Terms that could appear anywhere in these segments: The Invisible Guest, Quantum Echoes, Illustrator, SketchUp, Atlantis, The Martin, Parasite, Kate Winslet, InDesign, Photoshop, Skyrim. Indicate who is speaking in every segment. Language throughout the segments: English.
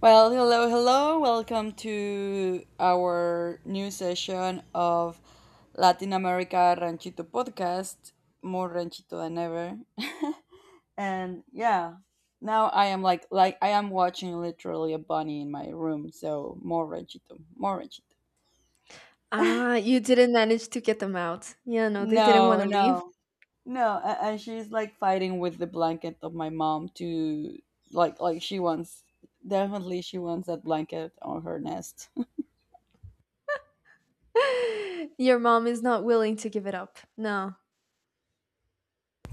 Speaker 1: Well, hello, hello. Welcome to our new session of Latin America Ranchito podcast. More ranchito than ever. And yeah, now I am like I am watching literally a bunny in my room, so more ranchito, more ranchito.
Speaker 2: Ah, you didn't manage to get them out. Yeah, no, they didn't
Speaker 1: No,
Speaker 2: want to leave.
Speaker 1: no. No, and she's like fighting with the blanket of my mom to like she wants definitely she wants that blanket on her nest.
Speaker 2: Your mom is not willing to give it up. No.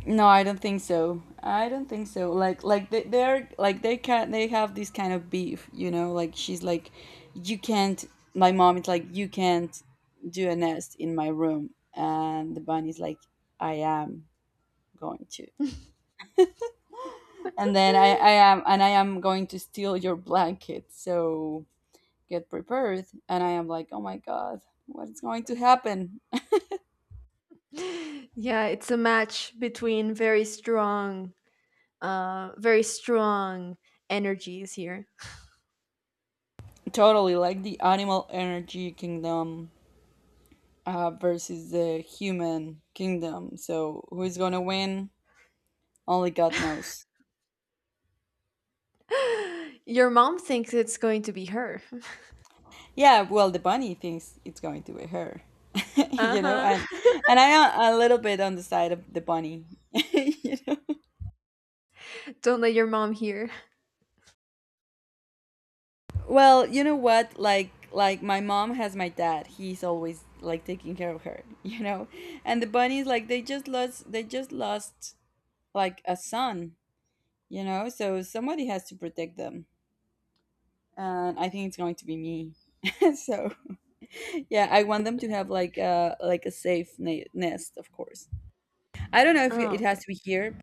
Speaker 1: No, I don't think so. I don't think so. Like they're like they have this kind of beef, you know, like she's like you can't, my mom is like you can't do a nest in my room, and the bunny's like I am going to. And then I am going to steal your blanket, so get prepared. And I am like, oh my god, what's going to happen?
Speaker 2: Yeah, it's a match between very strong energies here.
Speaker 1: Totally like the animal energy kingdom versus the human kingdom. So who's gonna win? Only God knows.
Speaker 2: Your mom thinks it's going to be her.
Speaker 1: Yeah, well, the bunny thinks it's going to be her,
Speaker 2: Uh
Speaker 1: you know,
Speaker 2: huh.
Speaker 1: and I am a little bit on the side of the bunny. You know?
Speaker 2: Don't let your mom hear.
Speaker 1: Well, you know what? Like my mom has my dad. He's always like taking care of her, you know, and the bunnies like they just lost like a son, you know, so somebody has to protect them, and I think it's going to be me. So. Yeah, I want them to have like a safe nest, of course. I don't know if
Speaker 2: Oh,
Speaker 1: it has
Speaker 2: okay.
Speaker 1: to be here,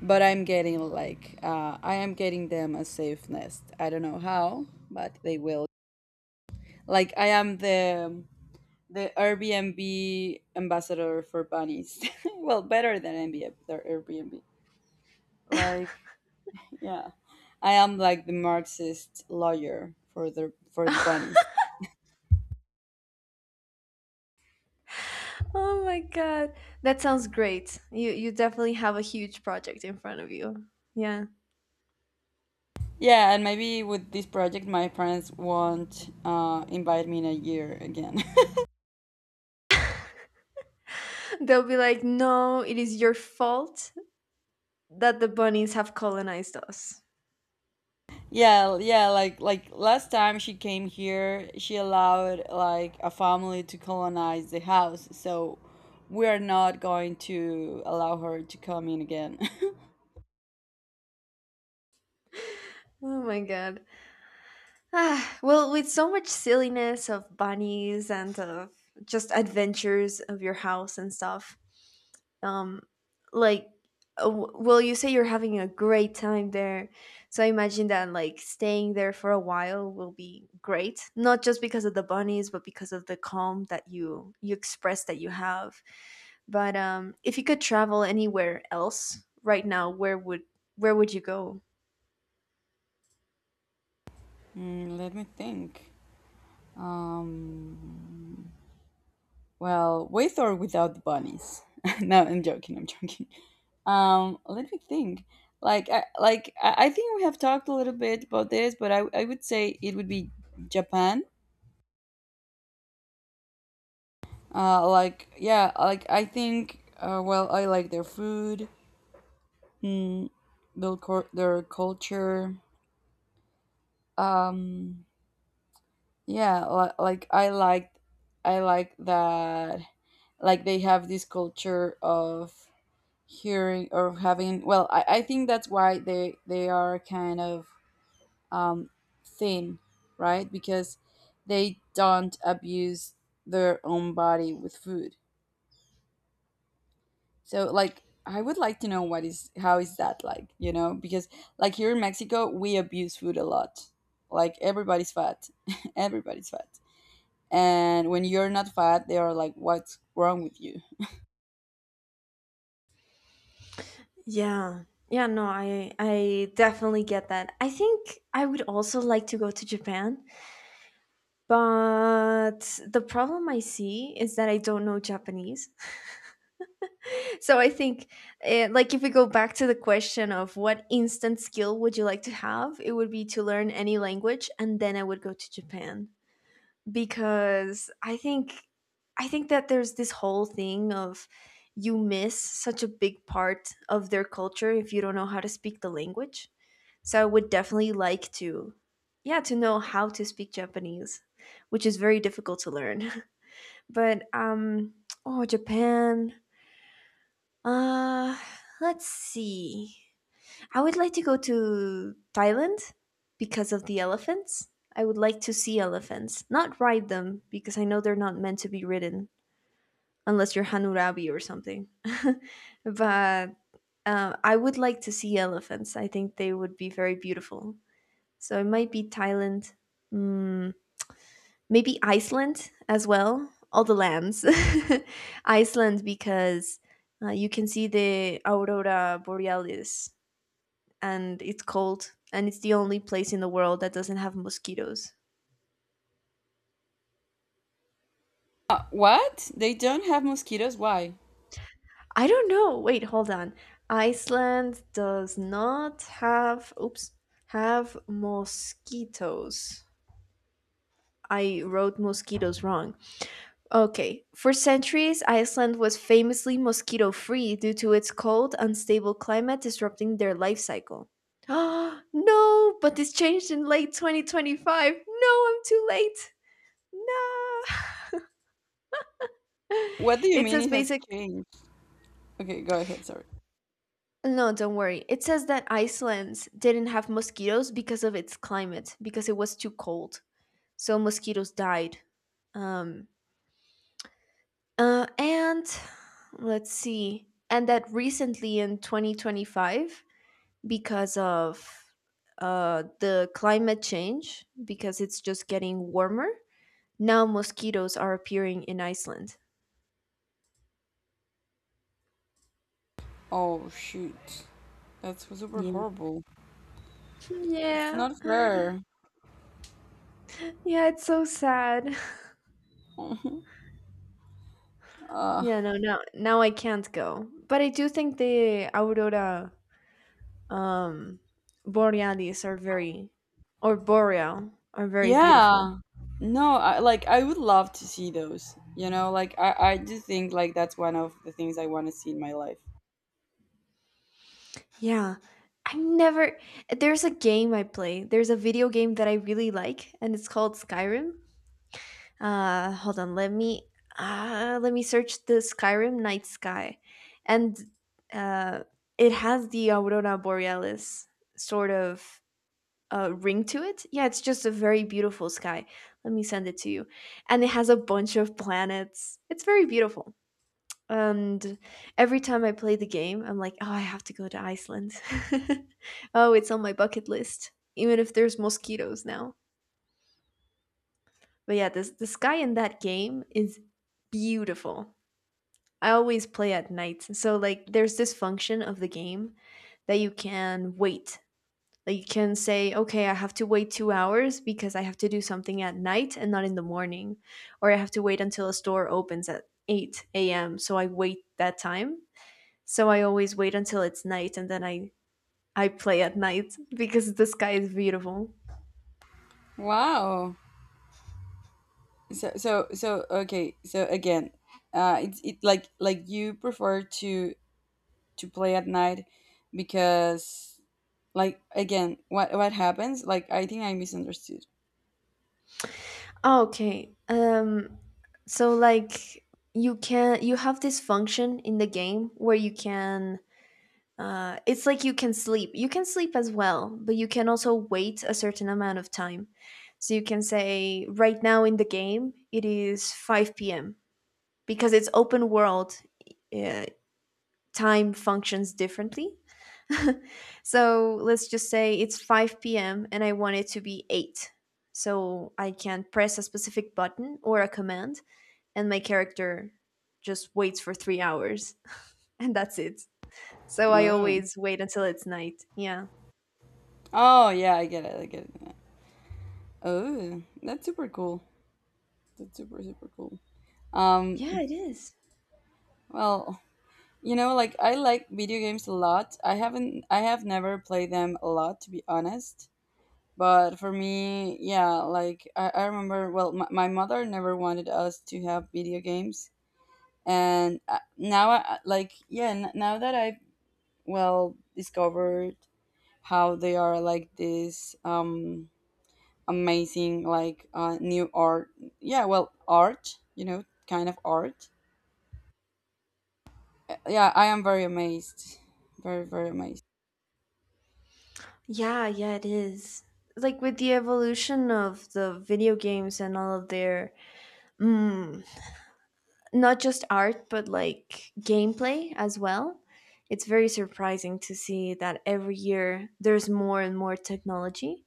Speaker 1: but I'm getting I am getting them a safe nest. I don't know how, but they will. Like I am the Airbnb ambassador for bunnies. Well, better than Airbnb, their Airbnb. Like yeah, I am like the Marxist lawyer for the bunnies.
Speaker 2: Oh my god, that sounds great. You definitely have a huge project in front of you. Yeah.
Speaker 1: Yeah, and maybe with this project, my friends won't invite me in a year again.
Speaker 2: They'll be like, no, it is your fault that the bunnies have colonized us.
Speaker 1: Yeah, yeah, like last time she came here, she allowed like a family to colonize the house, so we are not going to allow her to come in again.
Speaker 2: Oh my god. Ah, well, with so much silliness of bunnies and of just adventures of your house and stuff, um, like, well, you say you're having a great time there. So I imagine that, like, staying there for a while will be great, not just because of the bunnies, but because of the calm that you express that you have. But if you could travel anywhere else right now, where would you go?
Speaker 1: Let me think. Um, well, with or without the bunnies? No, I'm joking. I'm joking. Let me think. Like I think we have talked a little bit about this, but I would say it would be Japan. Like, yeah, like I think. Well, I like their food, mm, their culture. Um, yeah, like I like that. Like they have this culture of hearing or having. Well, I think that's why they are kind of um, thin, right? Because they don't abuse their own body with food. So like I would like to know what is how is that like, you know? Because like here in Mexico, we abuse food a lot. Like everybody's fat. Everybody's fat. And when you're not fat, they are like, "What's wrong with you?"
Speaker 2: Yeah. Yeah, no, I definitely get that. I think I would also like to go to Japan, but the problem I see is that I don't know Japanese. So I think like if we go back to the question of what instant skill would you like to have, it would be to learn any language, and then I would go to Japan because I think that there's this whole thing of you miss such a big part of their culture if you don't know how to speak the language. So I would definitely like to, yeah, to know how to speak Japanese, which is very difficult to learn. But oh, Japan. Uh, let's see. I would like to go to Thailand because of the elephants. I would like to see elephants, not ride them because I know they're not meant to be ridden unless you're Hanurabi or something. But I would like to see elephants. I think they would be very beautiful. So it might be Thailand, mm, maybe Iceland as well. All the lands. Iceland because you can see the aurora borealis, and it's cold, and it's the only place in the world that doesn't have mosquitoes.
Speaker 1: What? They don't have mosquitoes? Why?
Speaker 2: I don't know. Wait, hold on. Iceland does not have, oops, have mosquitoes. I wrote mosquitoes wrong. Okay, for centuries, Iceland was famously mosquito free due to its cold, unstable climate disrupting their life cycle. No, but this changed in late 2025. No, I'm too late. No.
Speaker 1: What do you
Speaker 2: It
Speaker 1: mean
Speaker 2: says
Speaker 1: it has
Speaker 2: basic.
Speaker 1: changed? Okay, go ahead. Sorry.
Speaker 2: No, don't worry. It says that Iceland didn't have mosquitoes because of its climate, because it was too cold. So mosquitoes died. Um, and let's see. And that recently in 2025, because of the climate change, because it's just getting warmer. Now mosquitoes are appearing in Iceland.
Speaker 1: Oh shoot, that's super
Speaker 2: Yeah.
Speaker 1: horrible. It's
Speaker 2: Yeah.
Speaker 1: not fair.
Speaker 2: Yeah, it's so sad.
Speaker 1: Mhm. Uh,
Speaker 2: Yeah, no, now I can't go. But I do think the aurora um borealis are very, or boreal, are very beautiful.
Speaker 1: yeah. No, like I would love to see those. You know, like I do think like that's one of the things I want to see in my life.
Speaker 2: Yeah. I never There's a game I play. There's a video game that I really like and it's called Skyrim. Hold on. Let me search the Skyrim night sky, and uh, it has the aurora borealis sort of ring to it. Yeah, it's just a very beautiful sky. Let me send it to you, and it has a bunch of planets. It's very beautiful. And every time I play the game, I'm like, oh, I have to go to Iceland. Oh, it's on my bucket list, even if there's mosquitoes now. But yeah, this the sky in that game is beautiful. I always play at night. So like there's this function of the game that you can wait. Like you can say, okay, I have to wait 2 hours because I have to do something at night and not in the morning. Or I have to wait until a store opens at 8 a.m. So I wait that time. So I always wait until it's night, and then I play at night because the sky is beautiful.
Speaker 1: Wow. So, okay. So again, it's it like you prefer to play at night, because like again, what happens? Like I think I misunderstood.
Speaker 2: Oh, okay. So like you have this function in the game where you can it's like you can sleep. You can sleep as well, but you can also wait a certain amount of time. So you can say right now in the game it is 5 p.m. Because it's open world, uh, time functions differently. So let's just say it's 5 p.m. and I want it to be 8. So I can press a specific button or a command, and my character just waits for 3 hours, and that's it. So I
Speaker 1: Oh.
Speaker 2: always wait until it's night. Yeah.
Speaker 1: Oh yeah, I get it. I get it. Oh, that's super cool. That's super super cool. Um.
Speaker 2: Yeah, it is.
Speaker 1: Well. You know, like I like video games a lot. I have never played them a lot, to be honest. But for me, yeah, like I remember well my mother never wanted us to have video games, and now I like yeah, now that I well discovered how they are like this amazing like new art. Yeah, well, art, you know, kind of art. Yeah, I am very amazed. Very very amazed.
Speaker 2: Yeah, yeah, it is. Like with the evolution of the video games and all of their mm, not just art but like gameplay as well, it's very surprising to see that every year there's more and more technology,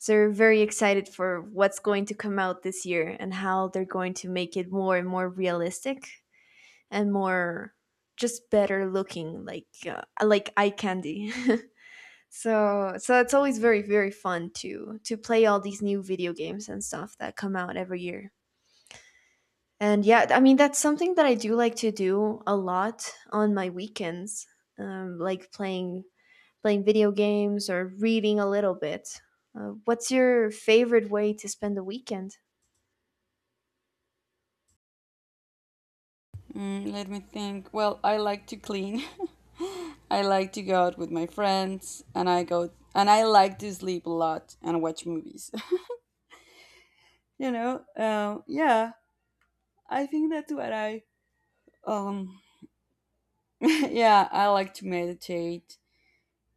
Speaker 2: so we're very excited for what's going to come out this year and how they're going to make it more and more realistic and more just better looking, like eye candy. So so it's always very very fun to play all these new video games and stuff that come out every year, and yeah, I mean that's something that I do like to do a lot on my weekends, um, like playing playing video games or reading a little bit. What's your favorite way to spend the weekend?
Speaker 1: Let me think. Well, I like to clean. I like to go out with my friends, and I go and I like to sleep a lot and watch movies. You know, yeah, I think that's what I um. Yeah, I like to meditate.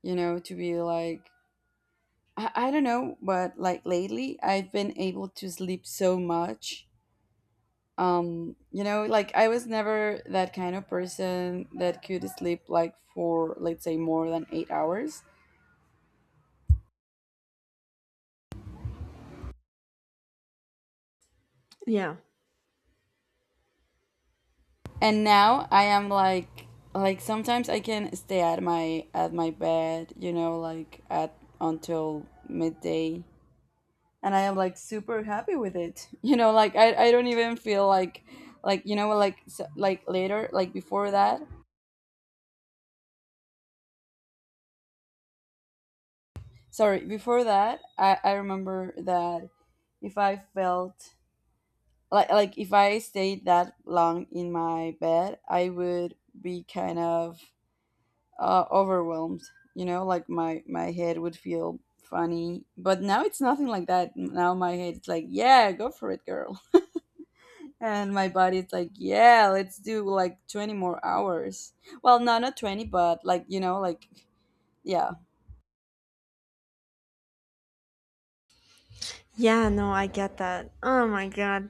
Speaker 1: You know, to be like I don't know, but like lately I've been able to sleep so much. You know, like I was never that kind of person that could sleep like, for let's say, more than 8 hours,
Speaker 2: Yeah.
Speaker 1: and now I am like sometimes I can stay at my bed, you know, like at until midday. And I am like super happy with it. You know, like I don't even feel like like so, like later like before that. Sorry, before that I remember that if I felt like if I stayed that long in my bed, I would be kind of overwhelmed. You know, like my head would feel funny, but now it's nothing like that. Now my head's like, yeah, go for it, girl, and my body's like, yeah, let's do like 20 more hours. Well, no, not 20, but like you know, like yeah,
Speaker 2: Yeah, no, I get that. Oh my god.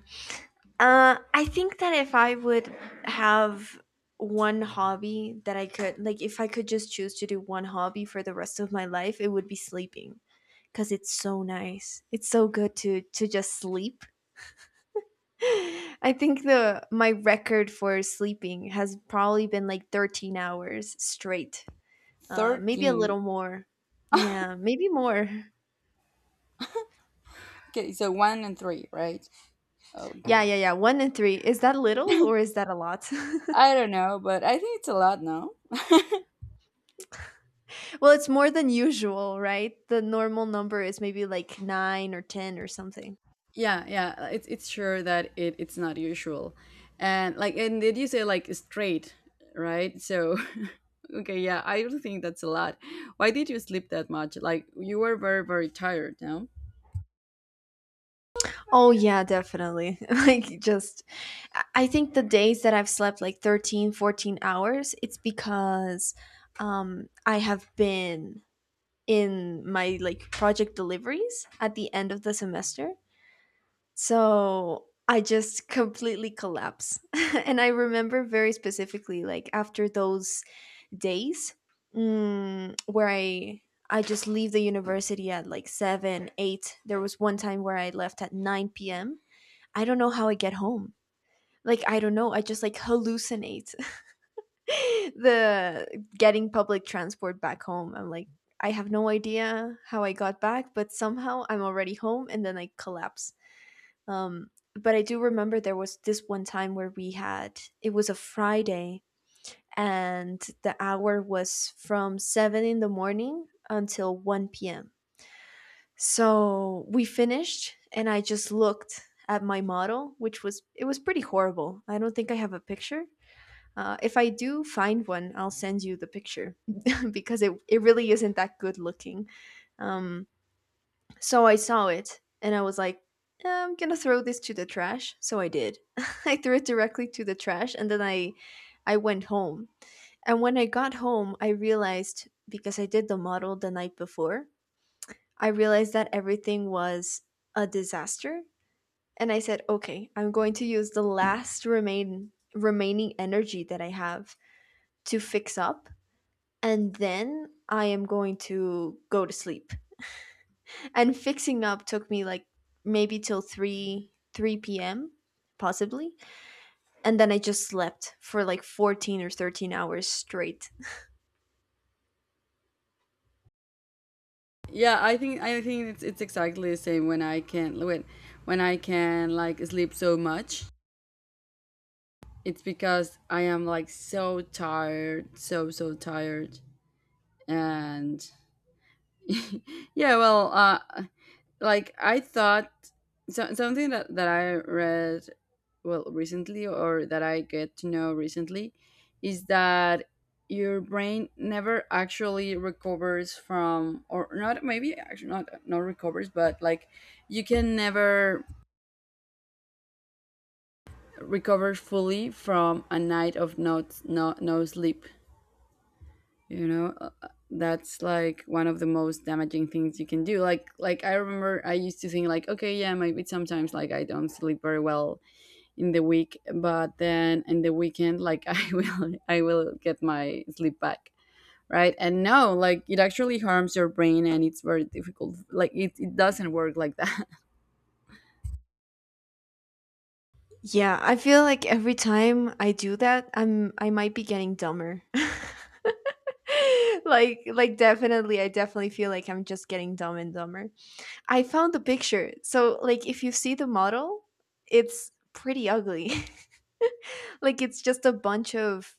Speaker 2: I think that if I would have one hobby that I could, like if I could just choose to do one hobby for the rest of my life, it would be sleeping, because it's so nice. It's so good to just sleep. I think the my record for sleeping has probably been like 13 hours straight. Maybe a
Speaker 1: 13.
Speaker 2: little more. Yeah, maybe more.
Speaker 1: Okay, so one and three, right? Okay,
Speaker 2: Yeah, yeah, yeah. One and three. Is that little or is that a lot?
Speaker 1: I don't know, but I think it's a lot now.
Speaker 2: Well, it's more than usual, right? The normal number is maybe like nine or 10 or something.
Speaker 1: Yeah, yeah, it's sure that it's not usual, and like and did you say like straight, right? So okay, yeah, I don't think that's a lot. Why did you sleep that much? Like you were very, very tired, no?
Speaker 2: Oh, yeah, definitely. Like, just, I think the days that I've slept like 13, 14 hours, it's because I have been in my like project deliveries at the end of the semester. So I just completely collapse. And I remember very specifically like after those days, where I just leave the university at like 7, 8. There was one time where I left at 9 p.m. I don't know how I get home. Like I don't know, I just like hallucinate the getting public transport back home. I'm like, I have no idea how I got back, but somehow I'm already home and then I collapse. But I do remember there was this one time where we had, it was a Friday and the hour was from 7 in the morning until 1 p.m. So we finished and I just looked at my model, which was, it was pretty horrible. I don't think I have a picture, if I do find one, I'll send you the picture because it really isn't that good looking. Um, so I saw it and I was like, "Eh, I'm gonna throw this to the trash." So I did. I threw it directly to the trash, and then I went home. And when I got home, I realized, because I did the model the night before, I realized that everything was a disaster. And I said, okay, I'm going to use the last remaining energy that I have to fix up, and then I am going to go to sleep. And fixing up took me like maybe till 3 p.m. possibly. And then I just slept for like 14 or 13 hours straight.
Speaker 1: Yeah, I think it's exactly the same when I can like sleep so much. It's because I am like so tired, so so tired, and yeah, well, like I thought. So, something that I read well recently, or that I get to know recently, is that your brain never actually recovers from, or not maybe actually not recovers, but like you can never recover fully from a night of no, no, no sleep, you know. That's like one of the most damaging things you can do. Like I remember I used to think like okay, yeah, maybe sometimes like I don't sleep very well in the week, but then in the weekend like I will get my sleep back, right? And no, like it actually harms your brain, and it's very difficult. Like it doesn't work like that.
Speaker 2: Yeah, I feel like every time I do that, I'm I might be getting dumber. Like definitely I definitely feel like I'm just getting dumb and dumber. I found the picture. So like if you see the model, it's pretty ugly. Like it's just a bunch of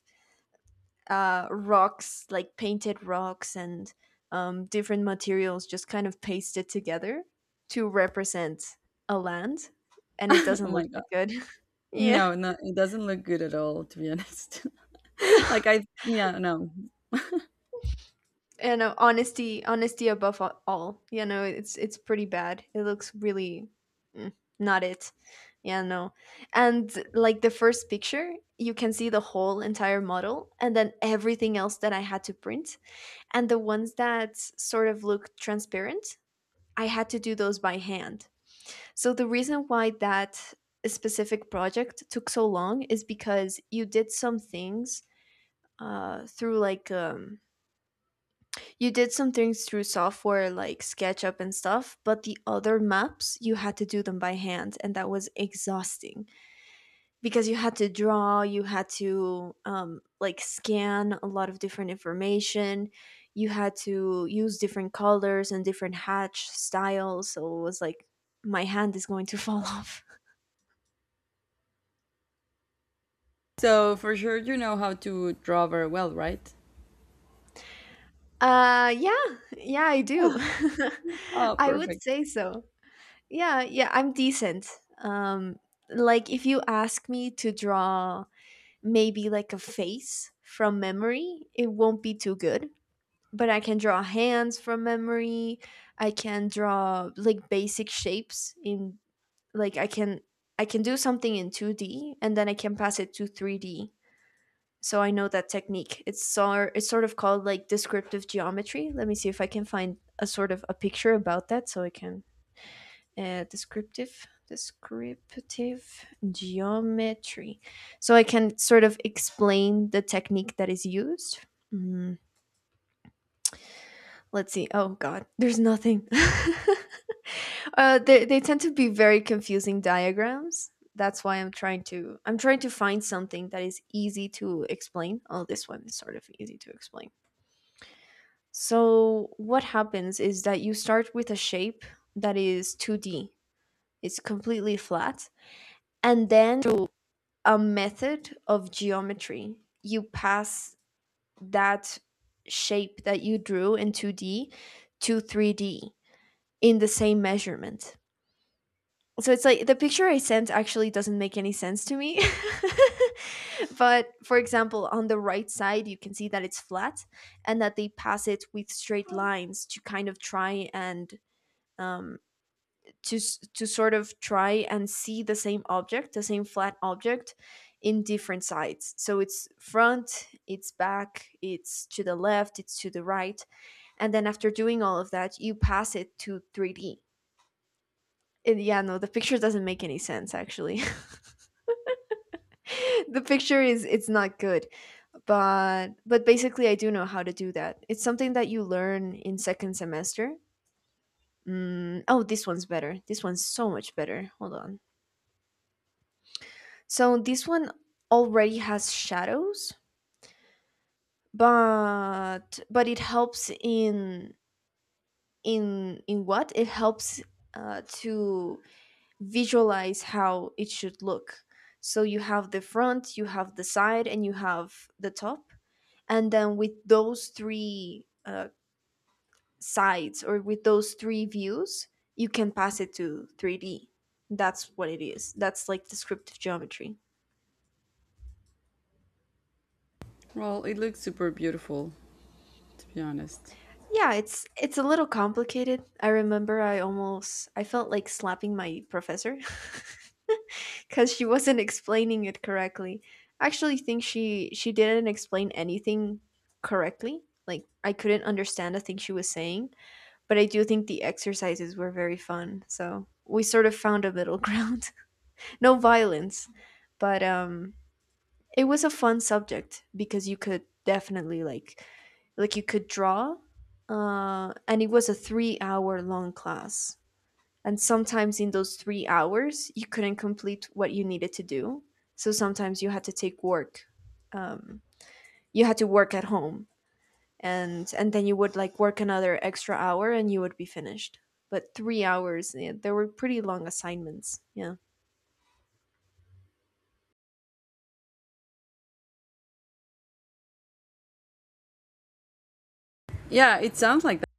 Speaker 2: rocks, like painted rocks and different materials just kind of pasted together to represent a land, and it
Speaker 1: Oh
Speaker 2: doesn't
Speaker 1: my
Speaker 2: look
Speaker 1: god.
Speaker 2: that good. Yeah.
Speaker 1: No, no, it doesn't look good at all, to be honest. Like, I, yeah, no.
Speaker 2: And honesty above all, you know, it's pretty bad. It looks really mm, not it yeah, no. And like the first picture, you can see the whole entire model and then everything else that I had to print, and the ones that sort of look transparent, I had to do those by hand. So the reason why that specific project took so long is because you did some things through like you did some things through software like SketchUp and stuff, but the other maps you had to do them by hand, and that was exhausting because you had to draw you had to like scan a lot of different information. You had to use different colors and different hatch styles, so it was like my hand is going to fall off.
Speaker 1: So for sure you know how to draw very well, right?
Speaker 2: Yeah, yeah I do.
Speaker 1: Oh
Speaker 2: I would
Speaker 1: perfect.
Speaker 2: say so. Yeah, yeah, I'm decent. um like if you ask me to draw maybe like a face from memory, it won't be too good, but I can draw hands from memory. I can draw like basic shapes in, like I can, I can do something in 2D and then I can pass it to 3D. So I know that technique. It's sort of called like descriptive geometry. Let me see if I can find a sort of a picture about that so I can. Descriptive geometry. So I can sort of explain the technique that is used. Mm. Let's see, oh god, there's nothing. They tend to be very confusing diagrams. That's why I'm trying to find something that is easy to explain. Oh, this one is sort of easy to explain. So what happens is that you start with a shape that is 2D. It's completely flat, and then through a method of geometry you pass that shape that you drew in 2D to 3D in the same measurement. So it's like the picture I sent actually doesn't make any sense to me. But for example, on the right side, you can see that it's flat and that they pass it with straight lines to kind of try and um, to, to sort of try and see the same object, the same flat object in different sides. So it's front, it's back, it's to the left, it's to the right. And then after doing all of that, you pass it to 3D. It, yeah, no, the picture doesn't make any sense actually. The picture is, it's not good, but basically I do know how to do that. It's something that you learn in second semester. Mm, oh this one's better, this one's so much better, hold on. So this one already has shadows, but it helps in, in what it helps to visualize how it should look. So you have the front, you have the side, and you have the top. And then with those three sides, or with those three views, you can pass it to 3D. That's what it is. That's like descriptive geometry.
Speaker 1: Well, it looks super beautiful, to be honest.
Speaker 2: Yeah, it's a little complicated. I remember I almost, I felt like slapping my professor cuz she wasn't explaining it correctly. I actually think she didn't explain anything correctly. Like I couldn't understand a thing she was saying, but I do think the exercises were very fun. So we sort of found a middle ground. No violence, but it was a fun subject because you could definitely like you could draw and it was a 3 hour long class, and sometimes in those 3 hours you couldn't complete what you needed to do. So sometimes you had to take work, um, you had to work at home, and then you would like work another extra hour and you would be finished. But 3 hours, yeah, there were pretty long assignments. Yeah,
Speaker 1: Yeah, it sounds like that.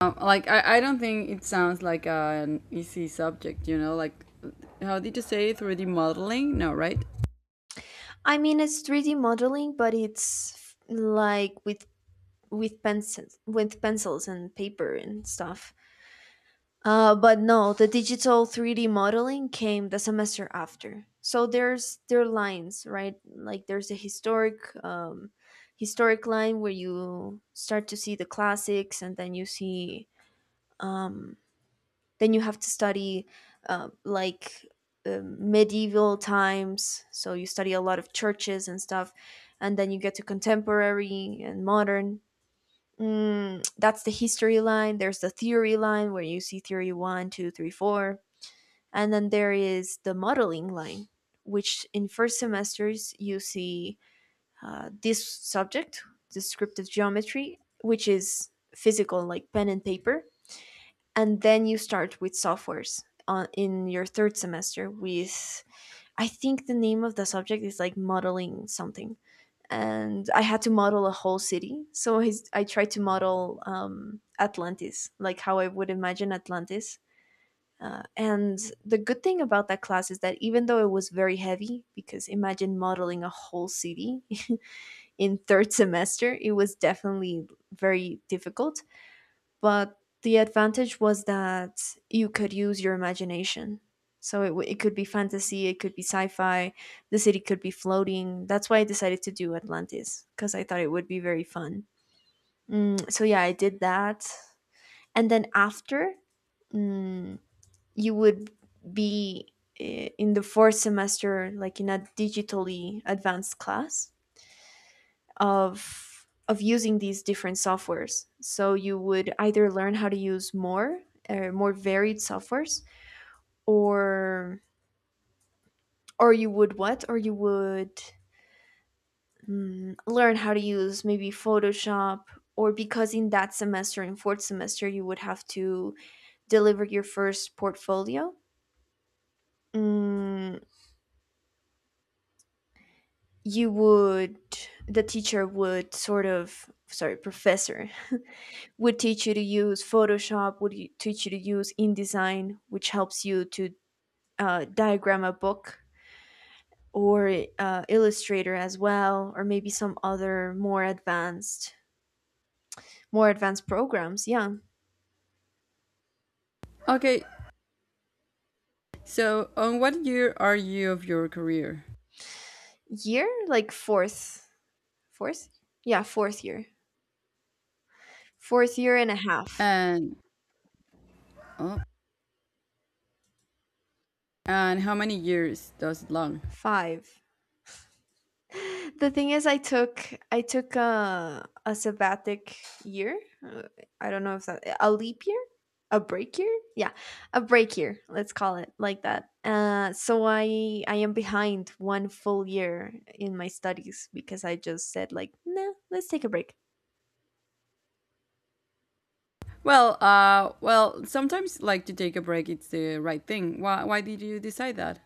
Speaker 1: Like, I don't think it sounds like an easy subject, you know? Like, how did you say 3D modeling? No, right?
Speaker 2: I mean it's 3D modeling, but like with with pencils and paper and stuff. But no, the digital 3D modeling came the semester after. So there are lines, right? Like there's a historic historic line where you start to see the classics, and then you see um, then you have to study uh, like medieval times. So you study a lot of churches and stuff, and then you get to contemporary and modern. Mm, that's the history line. There's the theory line where you see theory one, two, three, four. And then there is the modeling line, which in first semesters you see this subject, descriptive geometry, which is physical, like pen and paper. And then you start with softwares on, in your third semester with, I think the name of the subject is like modeling something, and I had to model a whole city. So his, I tried to model Atlantis, like how I would imagine Atlantis. And the good thing about that class is that even though it was very heavy, because imagine modeling a whole city, in third semester, it was definitely very difficult. But the advantage was that you could use your imagination. So it, it could be fantasy, it could be sci fi, the city could be floating. That's why I decided to do Atlantis, because I thought it would be very fun. Mm, so yeah, I did that. And then after, mm, you would be in the fourth semester, like in a digitally advanced class of of using these different softwares. So you would either learn how to use more more varied softwares, or or you would what? Or you would mm, learn how to use maybe Photoshop. Or because in that semester, in fourth semester, you would have to deliver your first portfolio. Mm, you would, the teacher would sort of, sorry, professor would teach you to use Photoshop, would teach you to use InDesign, which helps you to diagram a book, or Illustrator as well, or maybe some other more advanced programs. Yeah,
Speaker 1: Okay, so on what year are you of your career?
Speaker 2: year like fourth, fourth, yeah, fourth year and a half,
Speaker 1: And, oh, and how many years does it long?
Speaker 2: five. The thing is I took a sabbatic year. Uh, I don't know if that a leap year, a break year? Yeah, a break year. Let's call it like that. Uh, so I am behind one full year in my studies because I just said like, "Nah, let's take a break."
Speaker 1: Well, well, sometimes like to take a break, it's the right thing. Why did you decide that?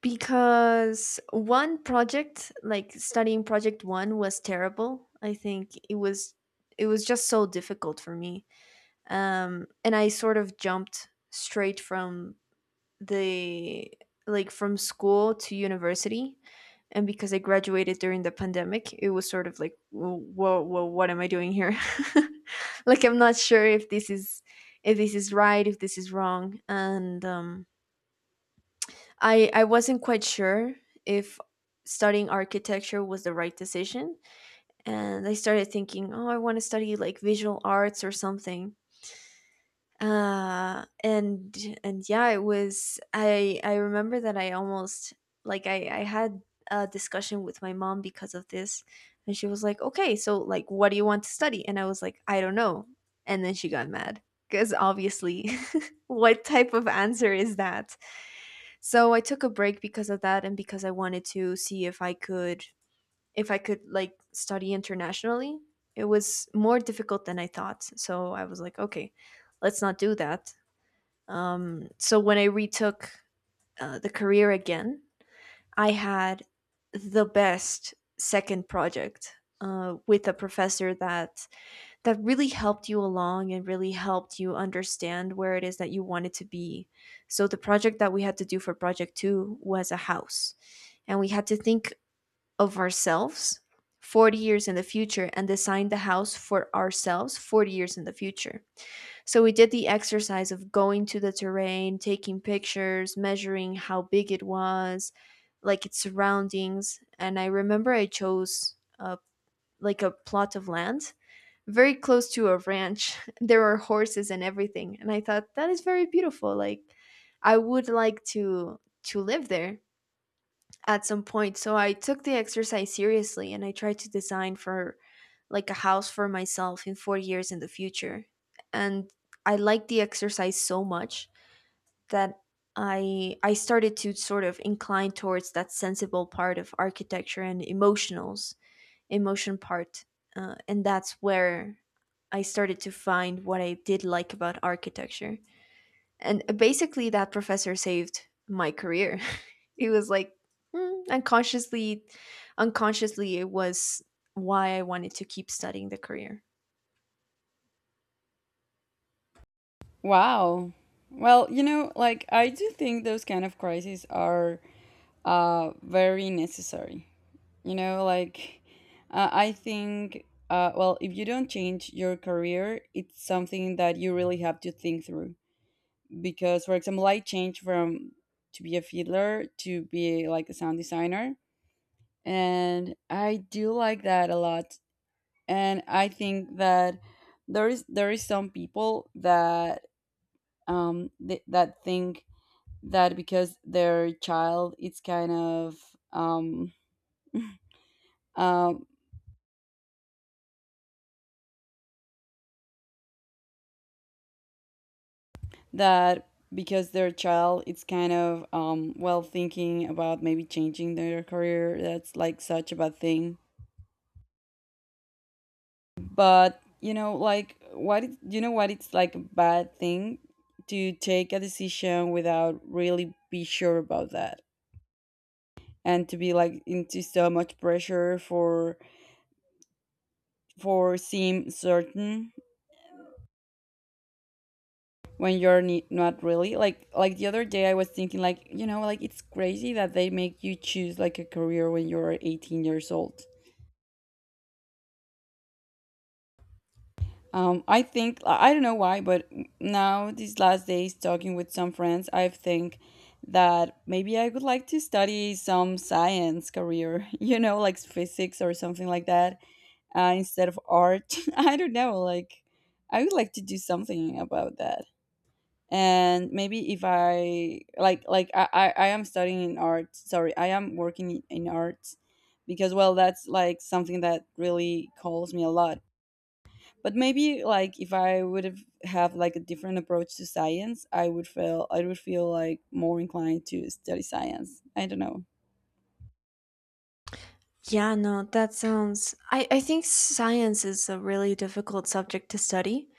Speaker 2: Because one project, like studying project 1 was terrible. I think it was, it was just so difficult for me, um, and I sort of jumped straight from the, like from school to university, and because I graduated during the pandemic, it was sort of like, whoa, whoa, what am I doing here? Like I'm not sure if this is, if this is right, if this is wrong. And um, I wasn't quite sure if studying architecture was the right decision, and I started thinking, oh, I want to study like visual arts or something. And yeah, it was, I remember that I almost, like I had a discussion with my mom because of this, and she was like, "Okay, so like what do you want to study?" And I was like, "I don't know." And then she got mad because obviously, what type of answer is that? So I took a break because of that, and because I wanted to see if I could, if I could like study internationally. It was more difficult than I thought. So I was like, okay, let's not do that. So when I retook the career again, I had the best second project with a professor that that really helped you along and really helped you understand where it is that you wanted to be. So the project that we had to do for project two was a house, and we had to think of ourselves 40 years in the future and design the house for ourselves 40 years in the future. So we did the exercise of going to the terrain, taking pictures, measuring how big it was, like its surroundings. And I remember I chose a, like a plot of land very close to a ranch. There were horses and everything. And I thought that is very beautiful. Like I would like to live there at some point. So I took the exercise seriously and I tried to design for like a house for myself in 4 years in the future. And I liked the exercise so much that I started to sort of incline towards that sensible part of architecture and emotionals emotion part. And that's where I started to find what I did like about architecture. And basically that professor saved my career. It was like mm, unconsciously, unconsciously, it was why I wanted to keep studying the career.
Speaker 1: Wow. Well, you know, like I do think those kind of crises are very necessary. You know, like, I think, well, if you don't change your career, it's something that you really have to think through. Because, for example, I changed from to be a fiddler to be like a sound designer, and I do like that a lot. And I think that there is some people that that think that because their child it's kind of um um, that because they're a child, it's kind of well thinking about maybe changing their career. That's like such a bad thing. But you know, like you know what it's like a bad thing to take a decision without really be sure about that, and to be like into so much pressure for seem certain when you're not really, like the other day I was thinking like you know like it's crazy that they make you choose like a career when you're 18 years old. I think I don't know why, but now these last days talking with some friends, I think that maybe I would like to study some science career, you know, like physics or something like that, instead of art. I don't know, like I would like to do something about that, and maybe if I, I am studying in art, sorry, I am working in arts because well that's like something that really calls me a lot, but maybe like if I would have like a different approach to science, I would feel like more inclined to study science. I don't know.
Speaker 2: Yeah, no, that sounds. I think science is a really difficult subject to study,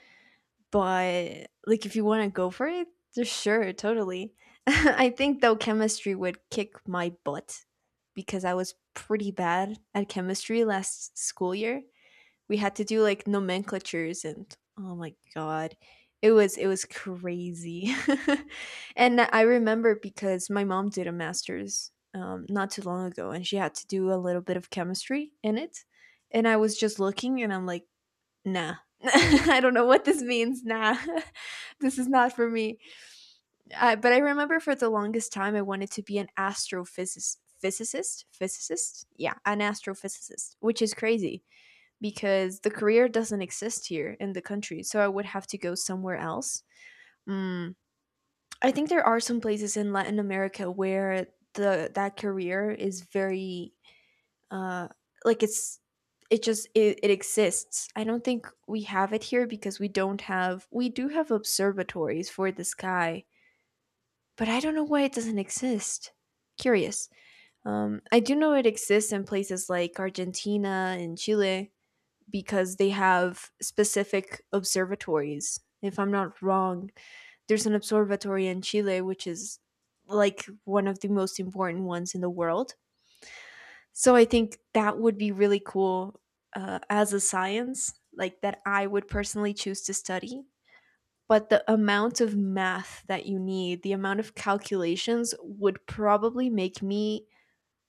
Speaker 2: but like if you want to go for it, sure, totally. I think though chemistry would kick my butt because I was pretty bad at chemistry last school year. We had to do like nomenclatures and oh my god, it was crazy. And I remember because my mom did a master's not too long ago, and she had to do a little bit of chemistry in it. And I was just looking and I'm like nah. I don't know what this means. Nah. This is not for me. But I remember for the longest time I wanted to be an astrophysicist physicist physicist yeah, an astrophysicist, which is crazy because the career doesn't exist here in the country. So I would have to go somewhere else. Mm. I think there are some places in Latin America where the that career is very uh, like it's it just it exists. I don't think we have it here because we don't have we do have observatories for the sky, but I don't know why it doesn't exist. Curious. I do know it exists in places like Argentina and Chile, because they have specific observatories. If I'm not wrong, there's an observatory in Chile, which is like one of the most important ones in the world. So I think that would be really cool, as a science, like that I would personally choose to study. But the amount of math that you need, the amount of calculations would probably make me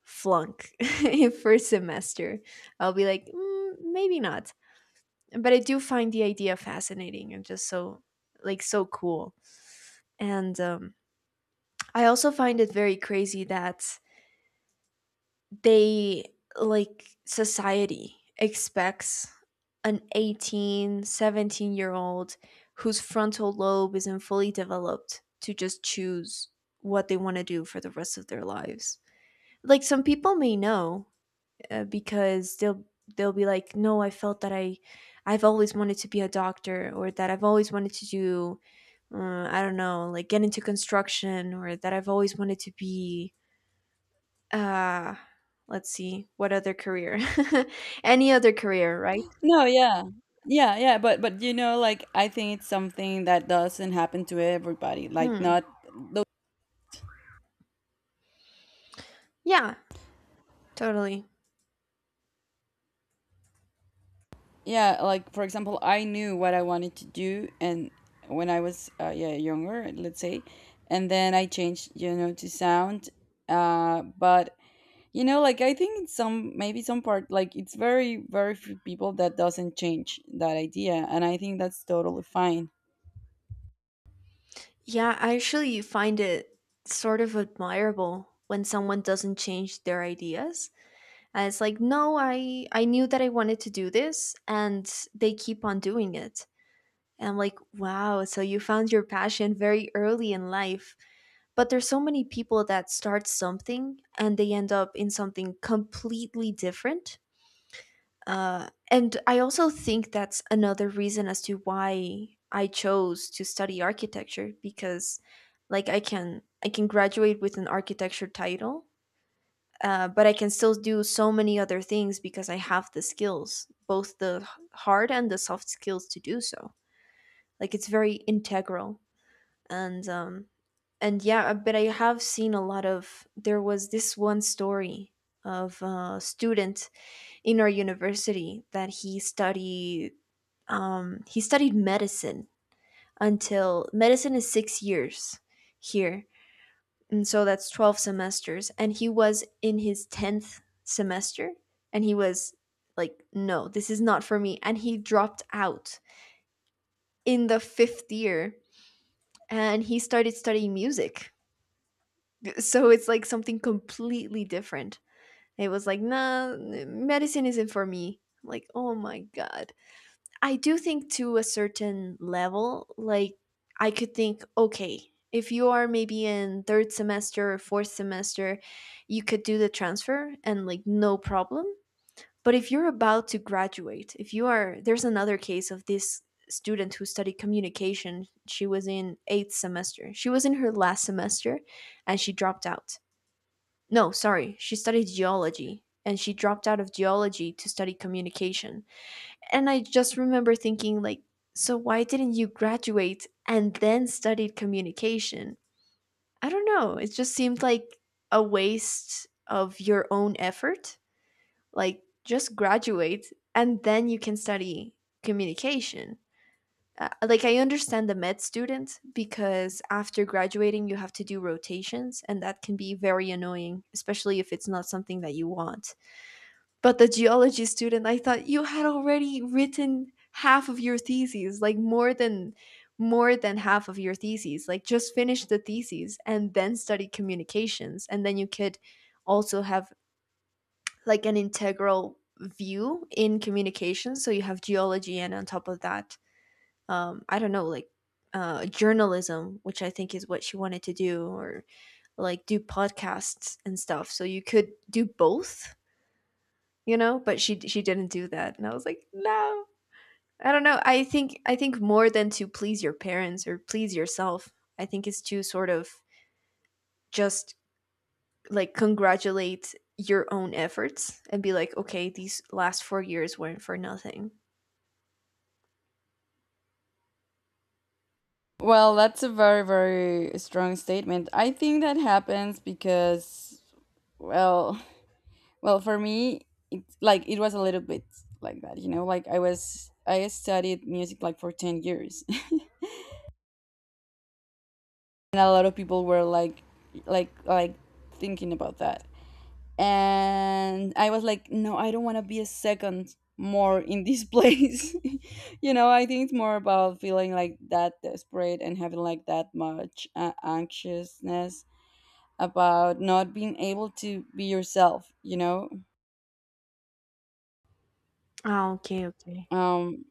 Speaker 2: flunk in first semester. I'll be like, mm, maybe not. But I do find the idea fascinating and just so like so cool. And I also find it very crazy that they like society expects an 1817-year-old whose frontal lobe isn't fully developed to just choose what they want to do for the rest of their lives. Like some people may know, because they'll be like, "No, I felt that I've always wanted to be a doctor, or that I've always wanted to do, I don't know, like get into construction, or that I've always wanted to be uh let's see, what other career? Any other career, right?
Speaker 1: No, yeah, yeah, yeah, but you know like I think it's something that doesn't happen to everybody, like,
Speaker 2: Hmm.
Speaker 1: not.
Speaker 2: Yeah, totally.
Speaker 1: Yeah, like for example I knew what I wanted to do, and when I was yeah, younger, let's say, and then I changed, you know, to sound but you know like I think in some, maybe some part, like it's very very few people that doesn't change that idea, and I think that's totally fine.
Speaker 2: Yeah, I actually find it sort of admirable when someone doesn't change their ideas. And it's like, no, I knew that I wanted to do this, and they keep on doing it. And I'm like, wow, so you found your passion very early in life. But there's so many people that start something and they end up in something completely different. And I also think that's another reason as to why I chose to study architecture because, like, I can graduate with an architecture title, but I can still do so many other things because I have the skills, both the hard and the soft skills to do so. Like it's very integral, and um, and yeah, but I have seen a lot of. There was this one story of a student in our university that he studied. He studied medicine, until medicine is 6 years here, and so that's 12 semesters. And he was in his 10th semester and he was like, no, this is not for me. And he dropped out in the fifth year and he started studying music. So it's like something completely different. It was like, nah, medicine isn't for me. I'm like, oh my God. I do think to a certain level, like I could think, okay, if you are maybe in third semester or fourth semester, you could do the transfer and like no problem. But if you're about to graduate, if you are, there's another case of this student who studied communication. She was in eighth semester. She was in her last semester and she dropped out. No, sorry, she studied geology and she dropped out of geology to study communication. And I just remember thinking, like, so why didn't you graduate and then studied communication? I don't know. It just seemed like a waste of your own effort. Like, just graduate and then you can study communication. Like, I understand the med student because after graduating, you have to do rotations, and that can be very annoying, especially if it's not something that you want. But the geology student, I thought you had already written half of your thesis, like more than half of your thesis. Like just finish the thesis and then study communications, and then you could also have like an integral view in communications. So you have geology and on top of that, I don't know, like journalism, which I think is what she wanted to do, or like do podcasts and stuff. So you could do both, you know? But she didn't do that, and I was like, "No." I don't know, I think more than to please your parents or please yourself, I think it's to sort of just, like, congratulate your own efforts and be like, "Okay, these last 4 years weren't for nothing."
Speaker 1: Well, that's a very very strong statement. I think that happens because well Well. For me, it like it was a little bit like that, you know. Like I studied music like for 10 years, and a lot of people were like thinking about that, and I was like, no, I don't want to be a second more in this place, you know. I think it's more about feeling like that desperate and having like that much anxiousness about not being able to be yourself, you know.
Speaker 2: Ah, okay, okay.
Speaker 1: Um,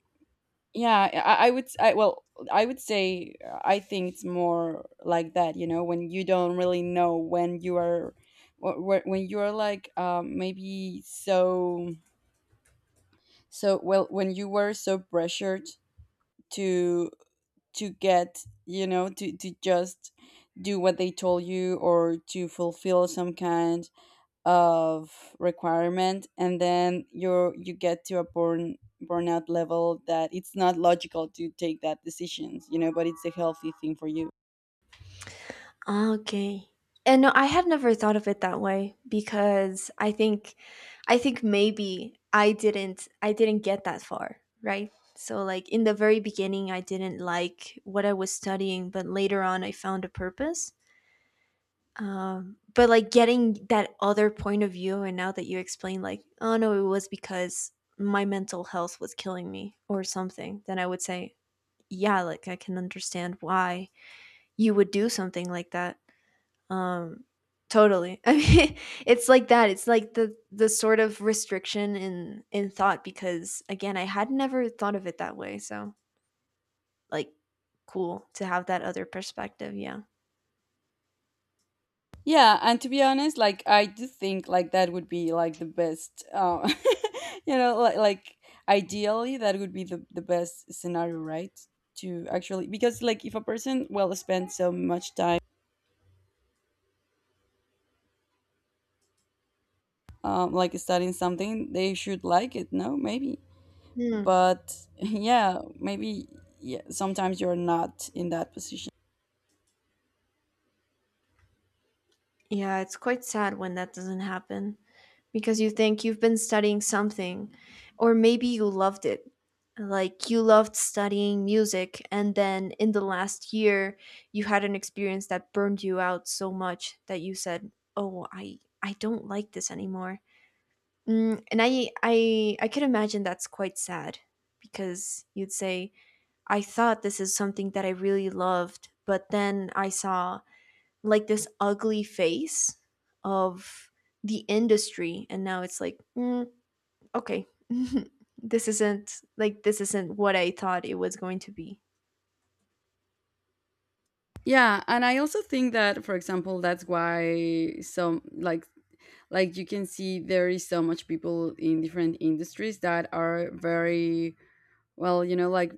Speaker 1: Yeah, I would. I well, I would say, I think it's more like that. You know, when you don't really know when you are, when you are like maybe well when you were so pressured to get, you know, to just do what they told you, or to fulfill some kind of requirement, and then you get to a burnout level that it's not logical to take that decisions, you know, but it's a healthy thing for you.
Speaker 2: Ah, okay. And no, I had never thought of it that way because I think maybe I didn't get that far, right? So like in the very beginning I didn't like what I was studying, but later on I found a purpose. But like getting that other point of view, and now that you explain like, oh no, it was because my mental health was killing me or something, then I would say, yeah, like I can understand why you would do something like that, um, totally. I mean, it's like that. It's like the sort of restriction in thought, because again, I had never thought of it that way. So like, cool to have that other perspective. Yeah.
Speaker 1: Yeah, and to be honest, like I do think like that would be like the best, you know, like ideally that would be the best scenario, right? To actually, because like if a person well spend so much time like studying something, they should like it, no, maybe,
Speaker 2: Hmm.
Speaker 1: but yeah, maybe, yeah, sometimes you're not in that position.
Speaker 2: Yeah, it's quite sad when that doesn't happen because you think you've been studying something, or maybe you loved it. Like you loved studying music, and then in the last year, you had an experience that burned you out so much that you said, "Oh, I don't like this anymore." Mm, and I could imagine that's quite sad because you'd say, "I thought this is something that I really loved, but then I saw like this ugly face of the industry and now it's like mm, okay this isn't like this isn't what I thought it was going to be."
Speaker 1: Yeah, and I also think that, for example, that's why some like you can see there is so much people in different industries that are very well, you know, like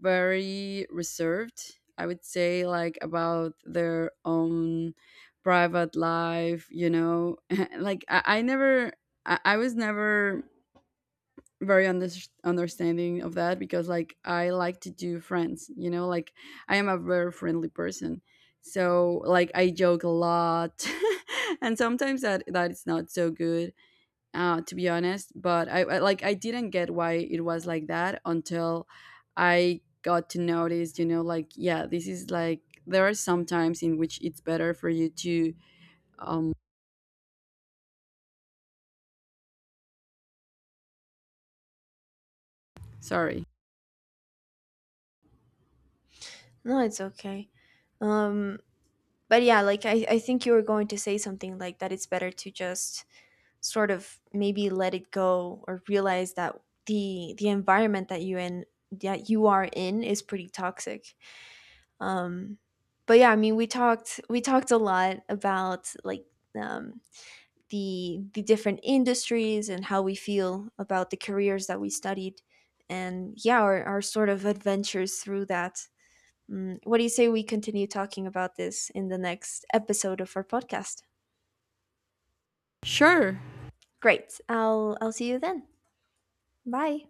Speaker 1: very reserved. I would say like about their own private life, you know, like I was never very understanding of that, because like I like to do friends, you know, like I am a very friendly person. So like I joke a lot and sometimes that is not so good, to be honest, but I didn't get why it was like that until I got to notice, you know, like yeah, this is like there are some times in which it's better for you to um sorry.
Speaker 2: No, it's okay. um but yeah, like I think you were going to say something like that it's better to just sort of maybe let it go, or realize that the environment that you in that you are in is pretty toxic. um but yeah, I mean, we talked a lot about like, um the different industries and how we feel about the careers that we studied, and yeah, our sort of adventures through that. Mm, what do you say we continue talking about this in the next episode of our podcast?
Speaker 1: Sure.
Speaker 2: Great, I'll see you then. Bye.